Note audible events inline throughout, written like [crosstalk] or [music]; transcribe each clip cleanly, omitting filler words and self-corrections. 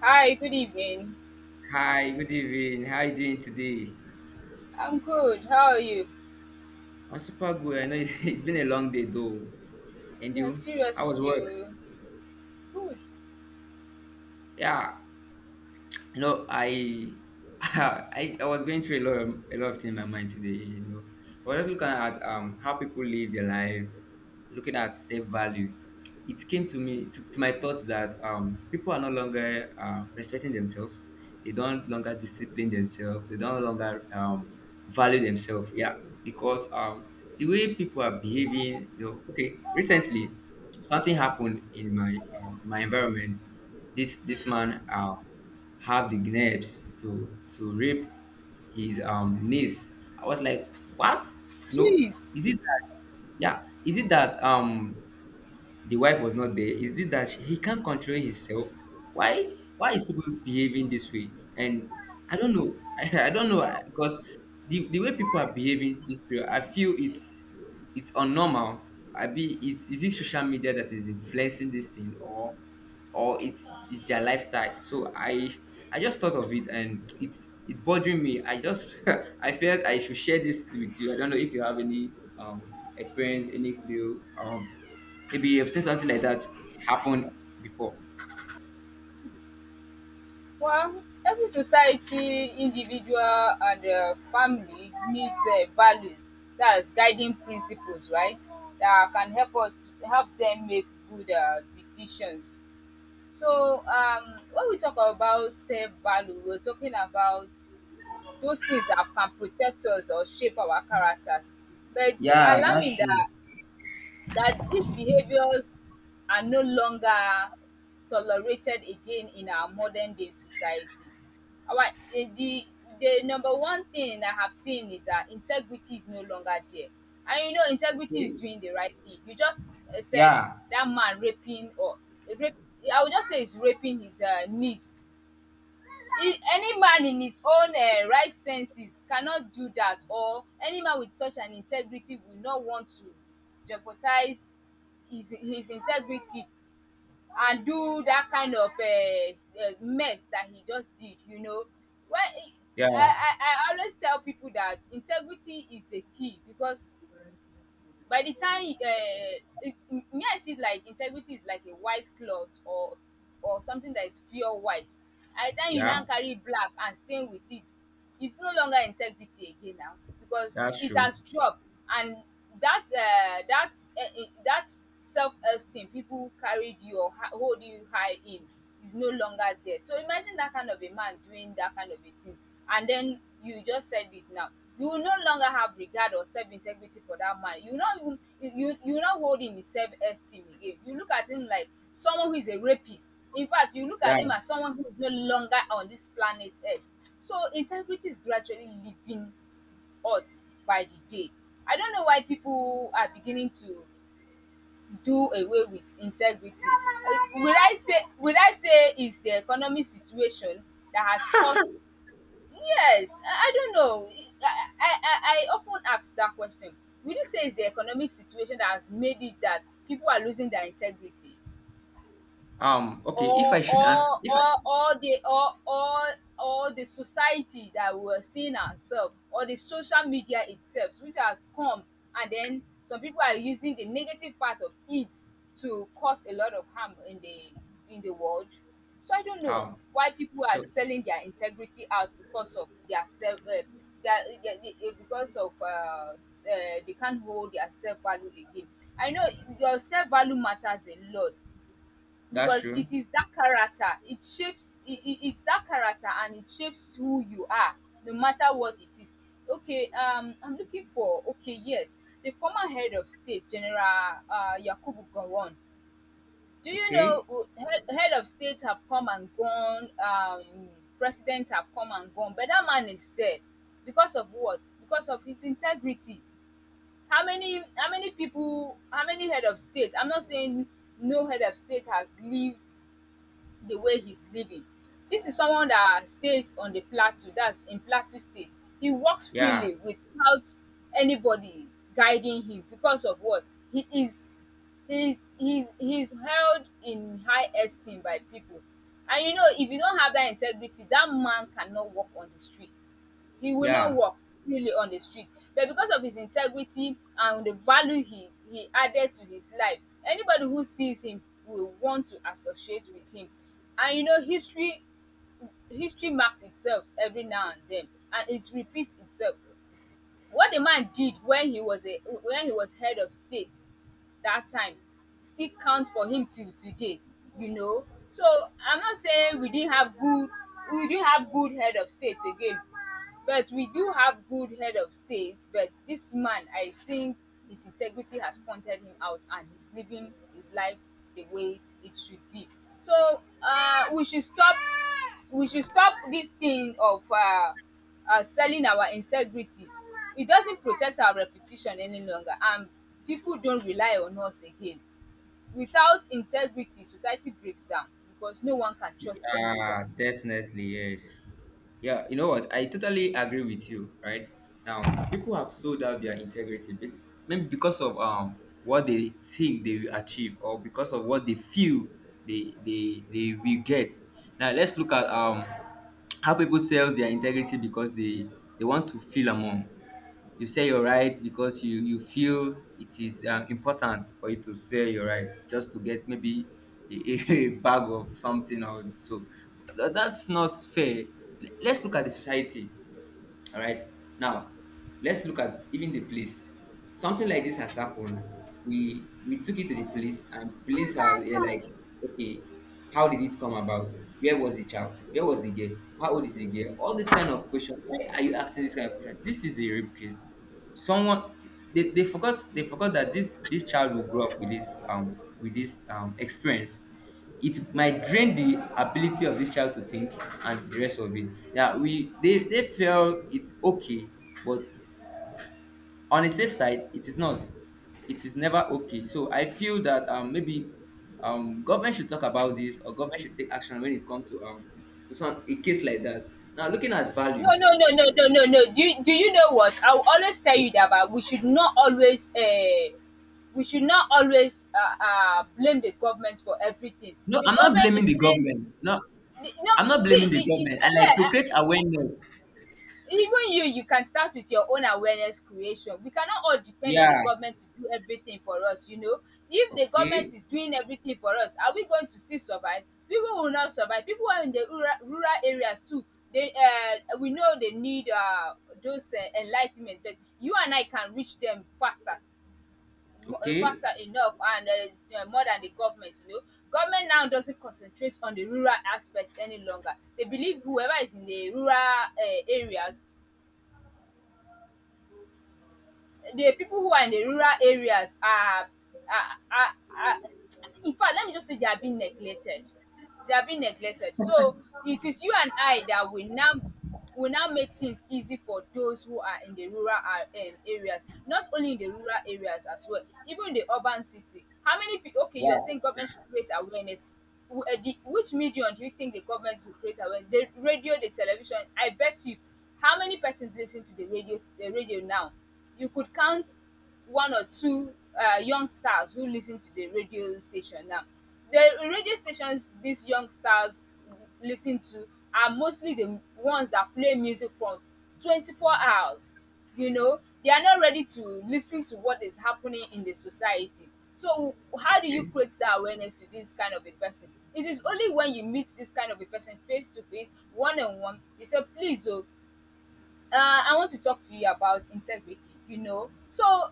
Hi, good evening. Hi, good evening. How are you doing today? I'm good. How are you? I'm super good. I know [laughs] it's been a long day though. And Yeah, you? How seriously, was work? you good? Yeah. I [laughs] I was going through a lot of things in my mind today. I was just looking at how people live their life, looking at self value. It came to me to my thoughts that people are no longer respecting themselves. They don't longer discipline themselves, they don't longer value themselves, yeah. Because the way people are behaving, you know. Okay, recently something happened in my my environment. This Mm. man have the nerves to rape his niece. I was like, what? You know, is Jeez. it that, yeah, is it that the wife was not there, is it that he can't control himself? Why is people behaving this way? And I don't know. [laughs] I don't know, because the way people are behaving this way, I feel it's unnormal. I be it's Is it social media that is influencing this thing, or or it's it's their lifestyle? So I just thought of it and it's bothering me. I just [laughs] I felt I should share this with you. I don't know if you have any experience, any clue, maybe you've seen something like that happen before. Well, every society, individual, and family needs values. That's guiding principles, right? That can help us help them make good decisions. So, when we talk about self value, we're talking about those things that can protect us or shape our character. But it's Yeah, that's alarming true. that these behaviors are no longer tolerated again in our modern day society. Our eh, the the number one thing I have seen is that integrity is no longer there. And you know integrity is Okay. doing the right thing. You just said Yeah. that man raping or rape, I would just say he's raping his niece. Any man in his own right senses cannot do that, or any man with such an integrity will not want to jeopardize his integrity and do that kind of mess that he just did, you know. When Yeah, I I I always tell people that integrity is the key, because by the time it, me I see like integrity is like a white cloth, or something that is pure white. By the time you yeah, now carry black and stain with it, it's no longer integrity again now because that's it true. has dropped. And that uh, that that self-esteem people carried you or hold you high in is no longer there. So imagine that kind of a man doing that kind of a thing, and then you just said it now. You will no longer have regard or self integrity for that man. You will not even you will not hold him in self esteem again. You look at him like someone who is a rapist. In fact, you look at Yeah. him as someone who is no longer on this planet Earth. So integrity is gradually leaving us by the day. I don't know why people are beginning to do away with integrity. Will I say it's the economic situation that has caused, yes, I don't know. I often ask that question. Will you say it's the economic situation that has made it that people are losing their integrity? Okay. If I or should ask, or if I or or the or or or the society that we're seeing ourselves, or the social media itself, which has come, and then some people are using the negative part of it to cause a lot of harm in the world. So I don't know um. why people are So selling their integrity out because of their self because of they can't hold their self value again. I know your self value matters a lot, that's because true. it is that character, it shapes it, it's that character and it shapes who you are, no matter what it is. Okay, I'm looking for, okay, yes, the former head of state, General Yakubu Gowon. Do you Okay. know head of state have come and gone, presidents have come and gone, but that man is dead, because of what? Because of his integrity. How many head of state, I'm not saying no head of state has lived the way he's living. This is someone that stays on the plateau, that's in Plateau State. He walks Yeah. freely without anybody guiding him because of what he is. He's held in high esteem by people. And you know, if you don't have that integrity, that man cannot walk on the street. He will not Yeah. walk freely on the street. But because of his integrity and the value he added to his life, anybody who sees him will want to associate with him. And you know, history marks itself every now and then, and it repeats itself. What the man did when he was head of state that time still count for him till today, you know. So I'm not saying we didn't have good head of state again, but we do have good head of state. But this man, I think his integrity has pointed him out, and he's living his life the way it should be. So we should stop this thing of selling our integrity. It doesn't protect our reputation any longer, and people don't rely on us again. Without integrity, society breaks down because no one can trust anyone. Yeah, definitely. Yes. Yeah, you know what? I totally agree with you, right? Now, people have sold out their integrity maybe because of what they think they will achieve, or because of what they feel they they will get. Now, let's look at how people sell their integrity because they want to feel among. You say you're right because you feel it is important for you to say you're right just to get maybe a, [laughs] a bag of something or so. But that's not fair. Let's look at the society. All right. Now, let's look at even the police. Something like this has happened. We took it to the police, and police are, they're like, okay, how did it come about? Where was the child? Where was the girl? How old is the girl? All this kind of question. Why are you asking this kind of question? This is a rape case. Someone, they forgot, they forgot that this child will grow up with this experience. It might drain the ability of this child to think, and the rest of it. Yeah, we, they feel it's okay, but on a safe side it is not. It is never okay. So I feel that, maybe government should talk about this, or government should take action when it comes to some a case like that. Now looking at value. No, no, no, no, no, no, no. Do you know what? I will always tell you that, but we should not always blame the government for everything. No, The I'm not government blaming is the playing government, this. no. No, I'm not see, blaming the government. I like to create yeah, awareness. even you, you can start with your own awareness creation. We cannot all depend on the Yeah. government to do everything for us, you know. If the Okay. government is doing everything for us, are we going to still survive? People will not survive. People are in the rural areas too. They we know they need those enligh, but you and I can reach them faster, mo Okay. faster enough, and more than the government, you know. Government now doesn't concentrate on the rural aspects any longer. They believe whoever is in the rural areas, the people who are in the rural areas are are are are in fact, let me just say they are being neglected, they are being neglected. So it is you and I that will now make things easy for those who are in the rural areas. Not only in the rural areas as well, even in the urban city. How many people? Okay, you are Wow. saying government should Yeah. create awareness. Which medium do you think the government will create awareness? The radio, the television. I bet you, how many persons listen to the radio now? You could count one or two young stars who listen to the radio station now. The radio stations these young stars listen to are mostly the ones that play music for 24 hours. You know, they are not ready to listen to what is happening in the society. So, how do you Okay. create that awareness to this kind of a person? It is only when you meet this kind of a person face to face, one on one, you say, please, oh, I want to talk to you about integrity, you know. So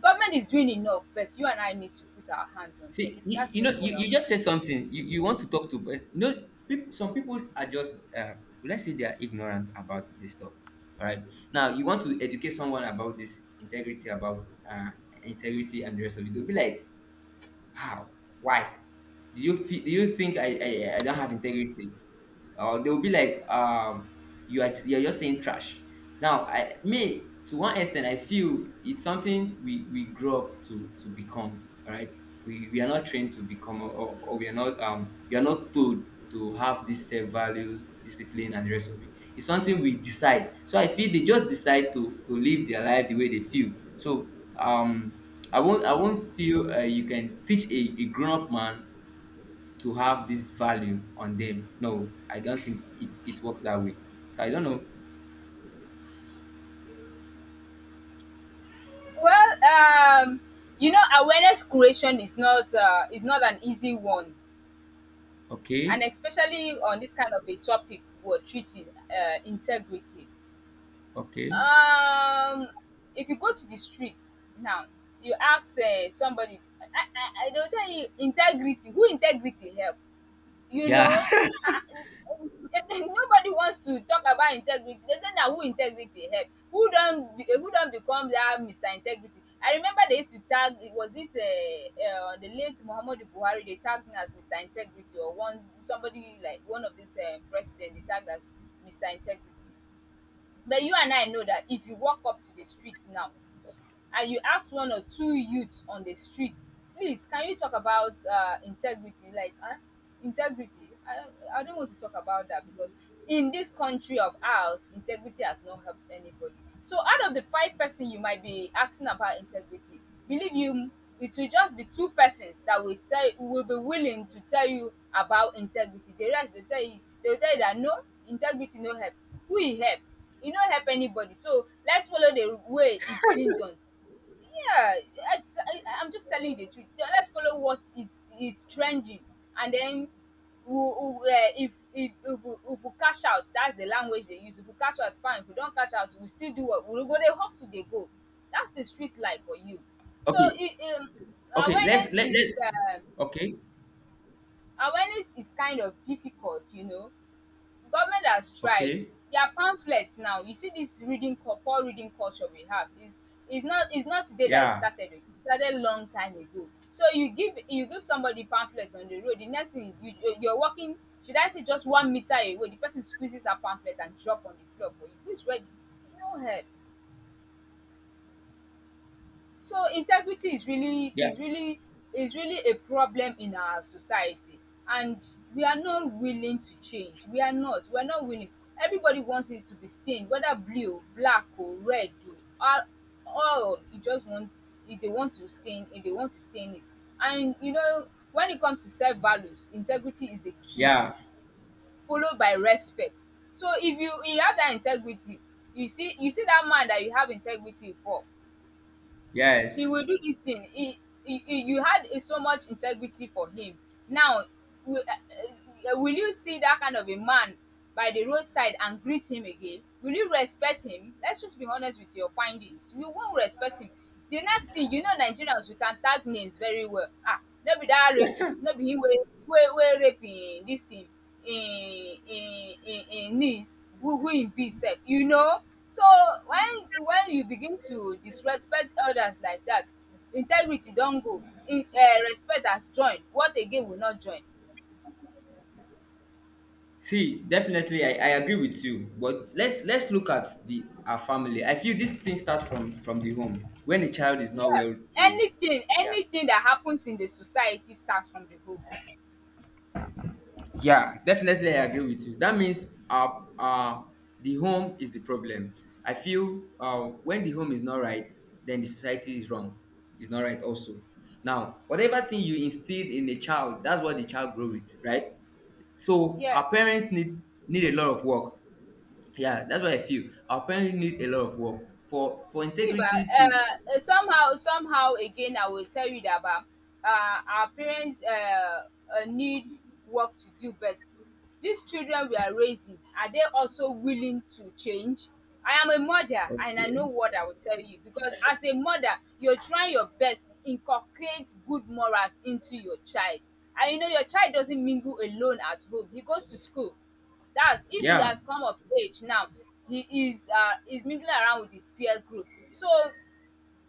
government is doing enough, but you and I need to put our hands on them. See, you, That's you know, just what I you want just to said say. something. You want to talk to, but you know, people, some people are just, let's say they are ignorant about this stuff. All right. Now, you want to educate someone about this integrity, about integrity and the rest of it. They'll be like, how? Why? Do you feel, do you think I don't have integrity? Or they'll be like, you are, you're just saying trash. Now I me to one extent I feel it's something we grow up to become. All right, we are not trained to become, or we are not told to have this self value, discipline, and the rest of it. It's something we decide. So I feel they just decide to live their life the way they feel. So um I won't feel you can teach a grown-up man to have this value on them. No, I don't think it works that way. So I don't know. Well, you know, awareness creation is not an easy one, and Okay, especially on this kind of a topic we're treating, integrity. okay, Um, if you go to the street now, you ask somebody, I, they'll tell you integrity. Who integrity help? You know, yeah, ah, [laughs] nobody wants to talk about integrity. They say na who integrity help, who don become that Mr. Integrity. I remember they used to tag, was it the late Muhammadu Buhari, they tagged him as Mr. Integrity, or one somebody, like one of these president they tagged as Mr. Integrity. But you and I know that if you walk up to the streets now and you ask one or two youths on the street, please, can you talk about integrity? Like, huh? Integrity? I don't want to talk about that, because in this country of ours, integrity has not helped anybody. So, out of the five person you might be asking about integrity, believe you, it will just be two persons that will be willing to tell you about integrity. The rest they will tell you that no integrity no help. Who e help? E no help anybody. So let's follow the way it's been done, yeah, I'm just telling you the truth. Yeah, let's follow what it's trending, and then we'll, we if we cash out, that's the language they use. If we cash out, fine. If we don't cash out, we still do what we go dey hustle they go. That's the street life for you. [laughs] so okay, it, um, okay. Let's awareness let let. is um Okay, awareness is kind of difficult, you know. Government has tried okay, their pamphlets. Now you see, this poor reading culture we have is is not today that it yeah, started. It started long time ago. So you give somebody pamphlet on the road, the next thing you're walking, should I say, just 1 meter away, the person squeezes that pamphlet and drop on the floor for you. Who is ready? No help. So integrity is really yeah, is really is really a problem in our society, and we are not willing to change. We are not. We are not willing. Everybody wants it to be stained, whether blue, black or red. Oh, all all you just want, if they want to stain, if they want to stain it. And you know, when it comes to self values, integrity is the key, yeah, followed by respect. So if you have that integrity, you see, you see that man that you have integrity for, he yes. will do this thing, he, you had a, so much integrity for him. Now will you see that kind of a man by the roadside and greet him again? Will you respect him? Let's just be honest with your findings, you won't respect him. The next thing you know, Nigerians, we can tag names very well. Ah, no be that rapist, no be him wey wey rape this thing in needs who im be sef, you know. So when you begin to disrespect elders like dat, integrity don go in, um, respect has join, what again will not join. See, definitely, I agree with you. But let's look at the our family. I feel this thing starts from the home when a child is not Yeah, well raised. anything Yeah. anything that happens in the society starts from the home. Yeah, definitely I agree with you. That means, uh, the home is the problem. I feel, when the home is not right, then the society is wrong. It's not right also. Now, whatever thing you instill in a child, that's what the child grow with, right? So Yeah. our parents need a lot of work. Yeah, that's what I feel. Our parents need a lot of work for See ba, integrity to. Somehow again I will tell you that ba, um, our parents need work to do, but these children we are raising, are they also willing to change? I am a mother and I Okay. know what I will tell you, because as a mother, you're trying your best to inculcate good morals into your child. And you know, your child doesn't mingle alone at home, he goes to school. That's if he Yeah, has come of age. Now he is is mingling around with his peer group, so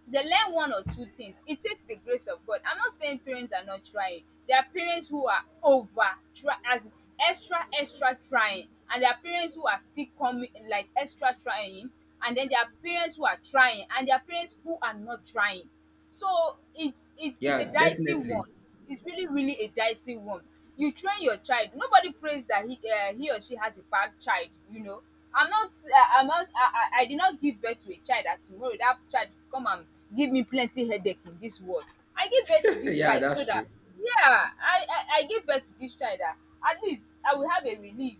they learn one or two things. It takes the grace of God. I'm not saying parents are not trying. There are parents who are over try, as in extra trying, and there are parents who are still coming like extra trying. And then there are parents who are trying, and there are parents who are not trying. So it's it's a yeah, dicey definitely. one. It's really really a dicey one. You train your child. Nobody prays that he or she has a bad child. You know, I'm not. I'm not. I did not give birth to a child that tomorrow that child come and give me plenty headache in this world. I give birth to [laughs] this Yeah, child so that's that, true. yeah, I give birth to this child that at least I will have a relief.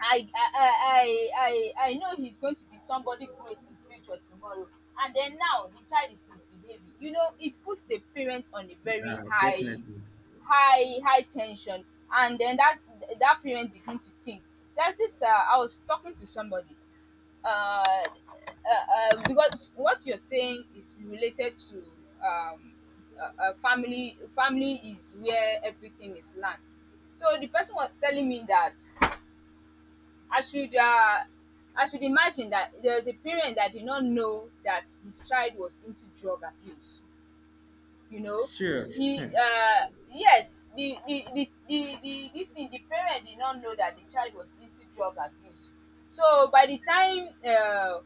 I I know he's going to be somebody great in future tomorrow. And then now the child is misbehaving. You know, it puts the parent on a very Yeah, high definitely. high high tension. And then that, that parent begin to think. There's this I was talking to somebody, because what you're saying is related to, um, family is where everything is learned. So the person was telling me that I should uh, I should imagine that there's a parent that did not know that his child was into drug abuse, you know. Serious. He yes, the this thing, the parent did not know that the child was into drug abuse. So by the time,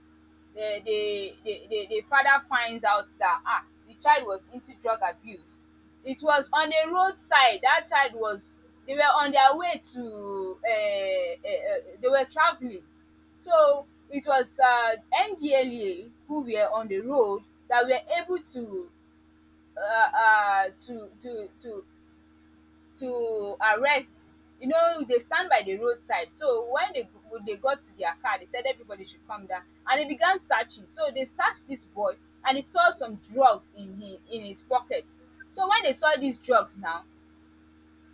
the, the father finds out that ah, the child was into drug abuse, it was on a roadside that child was, they were on their way to, they were traveling. So it was, NDLA who were on the road that were able to, uh, uh, to to to to arrest. You know, they stand by the roadside. So when they when they got to their car, they said everybody should come down. And they began searching. So they searched this boy and they saw some drugs in his pocket. So when they saw these drugs now,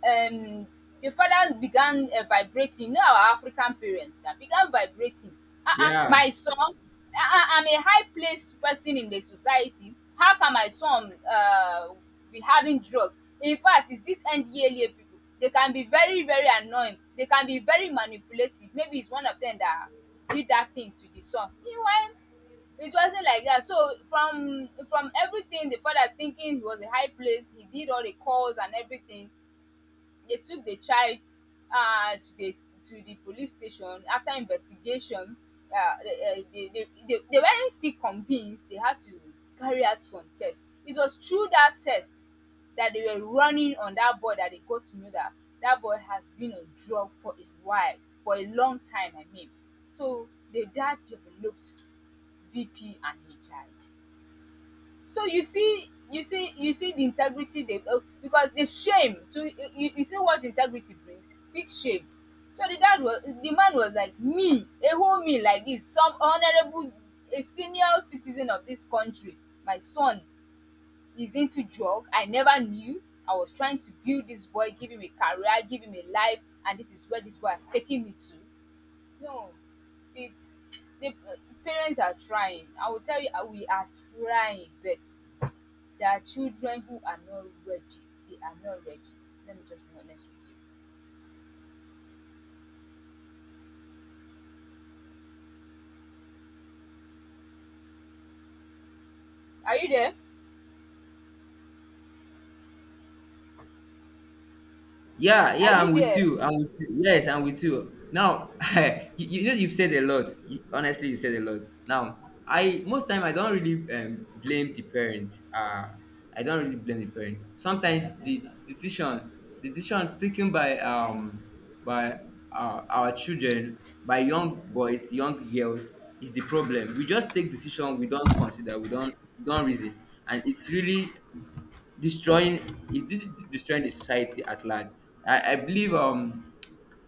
um, the fathers began, vibrating. You know our African parents, that began vibrating. [laughs] Ah, uh, Yeah. my son, I'm a high placed person in the society. How can my son be having drugs? In fact, it's these NDLA people. They can be very, very annoying. They can be very manipulative. Maybe it's one of them that did that thing to the son. Meanwhile, it wasn't like that. So from everything, the father thinking he was a high placed, he did all the calls and everything. They took the child, to the, to the police station after investigation. They weren't still convinced. They had to carry out some tests. It was through that test that they were running on that boy that they got to know that that boy has been on drug for a while, for a long time, I mean. So the dad developed BP and he died. So you see the integrity they because the shame to you, you see what integrity brings, big shame. So the dad was, the man was like, me, a whole me like this, some honourable, a senior citizen of this country, my son is into drug, I never knew. I was trying to build this boy, give him a career, give him a life, and this is where this boy has taken me to. No, it's, the parents are trying, I will tell you, we are trying, but there are children who are not ready. They are not ready. Let me just be honest with you. Are you there? Yeah, Are yeah, you I'm with there? you. I'm with you. Yes, I'm with you. Now, [laughs] you know, you've said a lot. You, honestly, you said a lot. Now, I most time I don't really blame the parents. I don't really blame the parents. Sometimes the decision taken by our children, by young boys, young girls, is the problem. We just take decision, we don't consider, we don't reason, and it's really destroying, is this destroying the society at large. I believe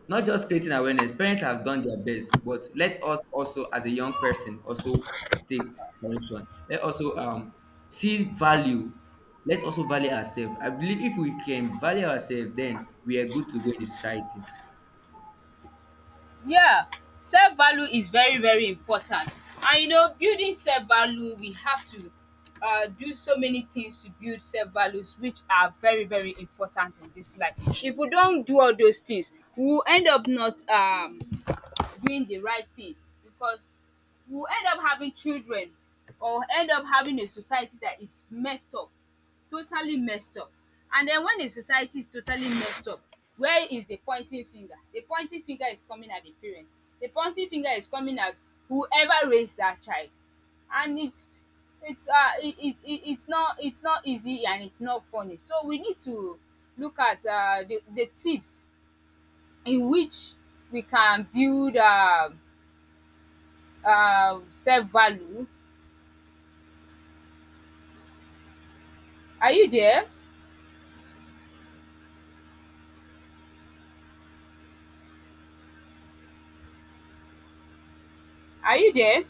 not just creating awareness, parents have done their best, but let us also as a young person also take correction. Let also see value, let's also value ourselves. I believe if we can value ourselves then we are good to go in the society. Yeah, self value is very, very important. And you know, building self value, we have to, do so many things to build self values, which are very, very important in this life. If we don't do all those things, we will end up not, doing the right thing, because we'll end up having children or end up having a society that is messed up, totally messed up. And then when the society is totally messed up, where is the pointing finger? The pointing finger is coming at the parent. The pointing finger is coming at whoever raised that child. And it's, it it's not, it's not easy, and it's not funny. So we need to look at, the tips in which we can build, um, self-value. Are you there? Are you there?